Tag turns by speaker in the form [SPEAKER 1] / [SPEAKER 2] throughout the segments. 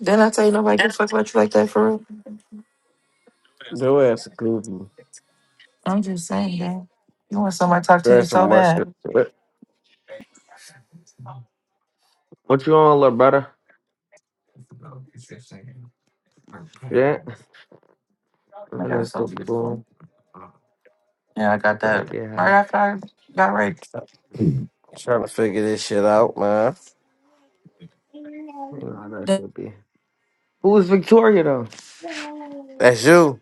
[SPEAKER 1] Then I tell you nobody can fuck about you like that for real.
[SPEAKER 2] Your ass is goofy.
[SPEAKER 1] I'm just saying, gang. You want somebody to talk to you
[SPEAKER 2] That's too
[SPEAKER 1] so
[SPEAKER 2] much
[SPEAKER 1] bad.
[SPEAKER 2] shit.
[SPEAKER 3] What you on, little brother? Yeah.
[SPEAKER 1] Oh
[SPEAKER 3] I'm
[SPEAKER 1] my god,
[SPEAKER 3] gonna
[SPEAKER 1] it's so
[SPEAKER 3] get
[SPEAKER 1] beautiful.
[SPEAKER 3] cool.
[SPEAKER 1] Yeah, I got
[SPEAKER 3] I'm gonna
[SPEAKER 1] that
[SPEAKER 3] get
[SPEAKER 1] right
[SPEAKER 3] high.
[SPEAKER 1] after I got raped.
[SPEAKER 2] Trying to figure this shit out, man.
[SPEAKER 3] You know how that
[SPEAKER 1] That
[SPEAKER 3] should be. Who's Victoria though?
[SPEAKER 2] That's you.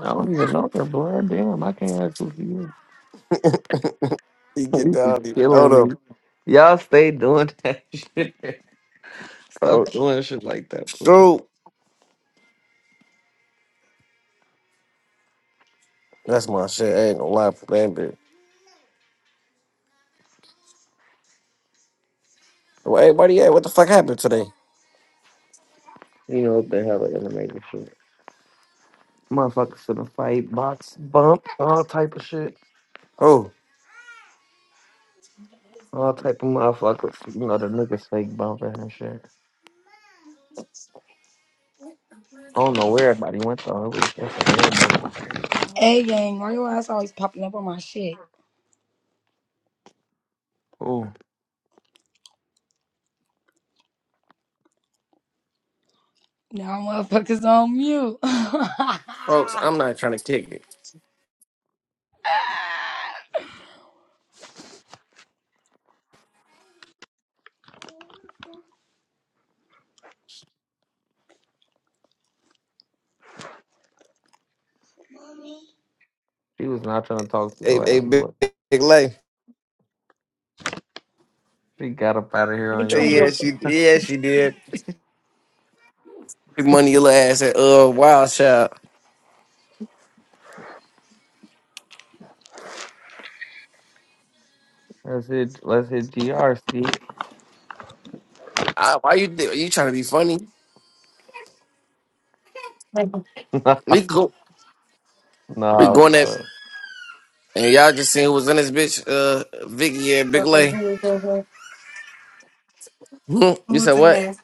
[SPEAKER 3] I don't even know her, blood. Damn, I can't actually hear.
[SPEAKER 2] You get
[SPEAKER 3] You
[SPEAKER 2] down,
[SPEAKER 3] be
[SPEAKER 2] I don't even know
[SPEAKER 3] killing me.
[SPEAKER 2] them.
[SPEAKER 3] Y'all stay doing that shit. Stop
[SPEAKER 2] Oh,
[SPEAKER 3] doing shit like that, blood.
[SPEAKER 2] shoot. That's my shit. I ain't gonna lie for that bitch. Well, hey, buddy, yeah, what the fuck happened today?
[SPEAKER 3] You know what the hell are animated shit. Motherfuckers in the fight, box bump, all type of shit.
[SPEAKER 2] Oh,
[SPEAKER 3] All type of motherfuckers. You know the niggas fake bumping and shit. I don't know where everybody went though. It was just a room
[SPEAKER 4] Hey gang, why your ass always popping up on my shit?
[SPEAKER 3] open.
[SPEAKER 4] Now motherfuckers on mute.
[SPEAKER 2] folks, I'm not trying to kick it.
[SPEAKER 3] She was not trying to talk to
[SPEAKER 2] Hey,
[SPEAKER 3] your
[SPEAKER 2] hey,
[SPEAKER 3] ass,
[SPEAKER 2] big,
[SPEAKER 3] but
[SPEAKER 2] big lay.
[SPEAKER 3] she got up out of here on your
[SPEAKER 2] Hey,
[SPEAKER 5] Between
[SPEAKER 3] hand.
[SPEAKER 5] your
[SPEAKER 2] yeah,
[SPEAKER 5] girls.
[SPEAKER 2] she, yeah, she did. Big money, your little ass at uh, Wild Child.
[SPEAKER 3] Let's hit, let's hit GRC.
[SPEAKER 2] Ah, why you, do- you trying to be funny?
[SPEAKER 5] Uh,
[SPEAKER 2] We go, we
[SPEAKER 3] nah,
[SPEAKER 2] going at,
[SPEAKER 3] bro.
[SPEAKER 2] and y'all just seen who was in this bitch, uh, Vicky and Big Lay.
[SPEAKER 5] who was over?
[SPEAKER 2] Mhm.
[SPEAKER 5] Who
[SPEAKER 2] you said
[SPEAKER 5] in
[SPEAKER 2] what?
[SPEAKER 5] there?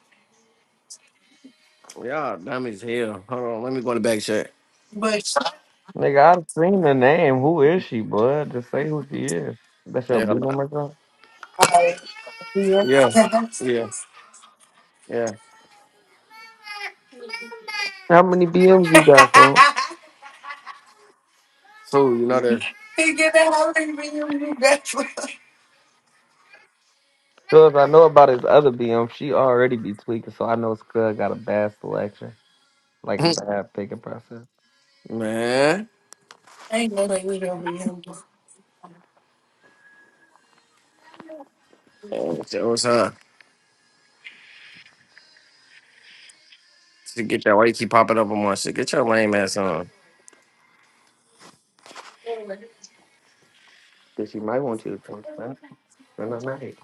[SPEAKER 2] Yeah, dumb as hell. Hold on, let me go in the back check.
[SPEAKER 5] But
[SPEAKER 3] Nigga, I've seen the name. Who is she, bud? Just say who she is. That's your
[SPEAKER 2] Yeah, I'm
[SPEAKER 3] BM
[SPEAKER 2] not-
[SPEAKER 3] or something?
[SPEAKER 5] I, yeah.
[SPEAKER 2] yeah, yeah, yeah.
[SPEAKER 3] How many BMs you got, fool?
[SPEAKER 2] So you know
[SPEAKER 5] he get that holiday video you got you.
[SPEAKER 3] Cuz I know about his other BM. She already be tweaking, so I know Scud got a bad selection, like a
[SPEAKER 2] that
[SPEAKER 3] bad picking process.
[SPEAKER 2] man.
[SPEAKER 5] Ain't no way we don't be humble.
[SPEAKER 2] What's up? To get that, why you keep popping up on my shit? Get your lame ass on.
[SPEAKER 3] Cause she might want you to come back for the night.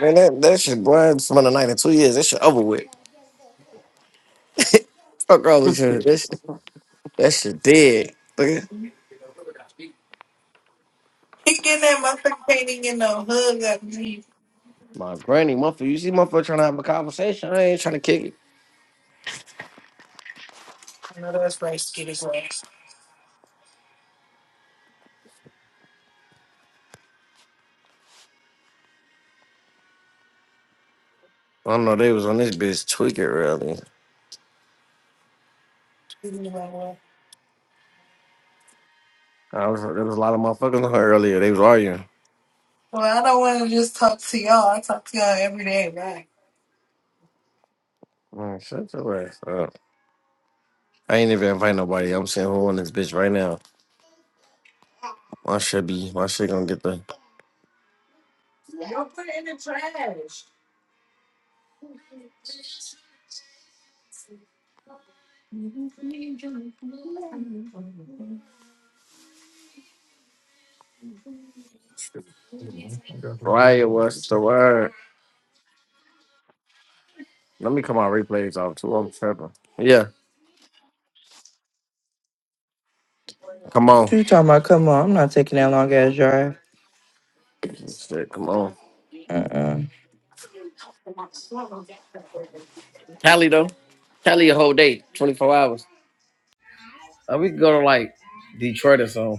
[SPEAKER 2] Man, that, that shit, boy, it's been a night in two years. That shit over with. Fuck all this shit. That shit, that shit dead. Look at
[SPEAKER 5] He get that motherfucker can't even get no hug out me.
[SPEAKER 2] my granny, motherfucker. You see, motherfucker trying to have a conversation. I ain't trying to kick it.
[SPEAKER 5] I know that's right, skinny boy.
[SPEAKER 2] I don't know. They was on this bitch tweaking earlier.
[SPEAKER 5] Speaking of my boy.
[SPEAKER 2] I was, there was a lot of motherfuckers on her earlier. They was arguing.
[SPEAKER 5] Well, I don't want to just talk to y'all. I talk to y'all every day, right?
[SPEAKER 2] Man, shut your ass up. I ain't even invite nobody. I'm saying who on this bitch right now. My shit be my shit gonna get the riot. What's the word? Let me come on replays off too. I'm tripping. Yeah, come on.
[SPEAKER 1] you talking about that long ass drive?
[SPEAKER 2] Shit, come on.
[SPEAKER 1] Uh uh
[SPEAKER 2] Tally though. Tally a whole day, 24 hours. Uh, we could go to like Detroit or something.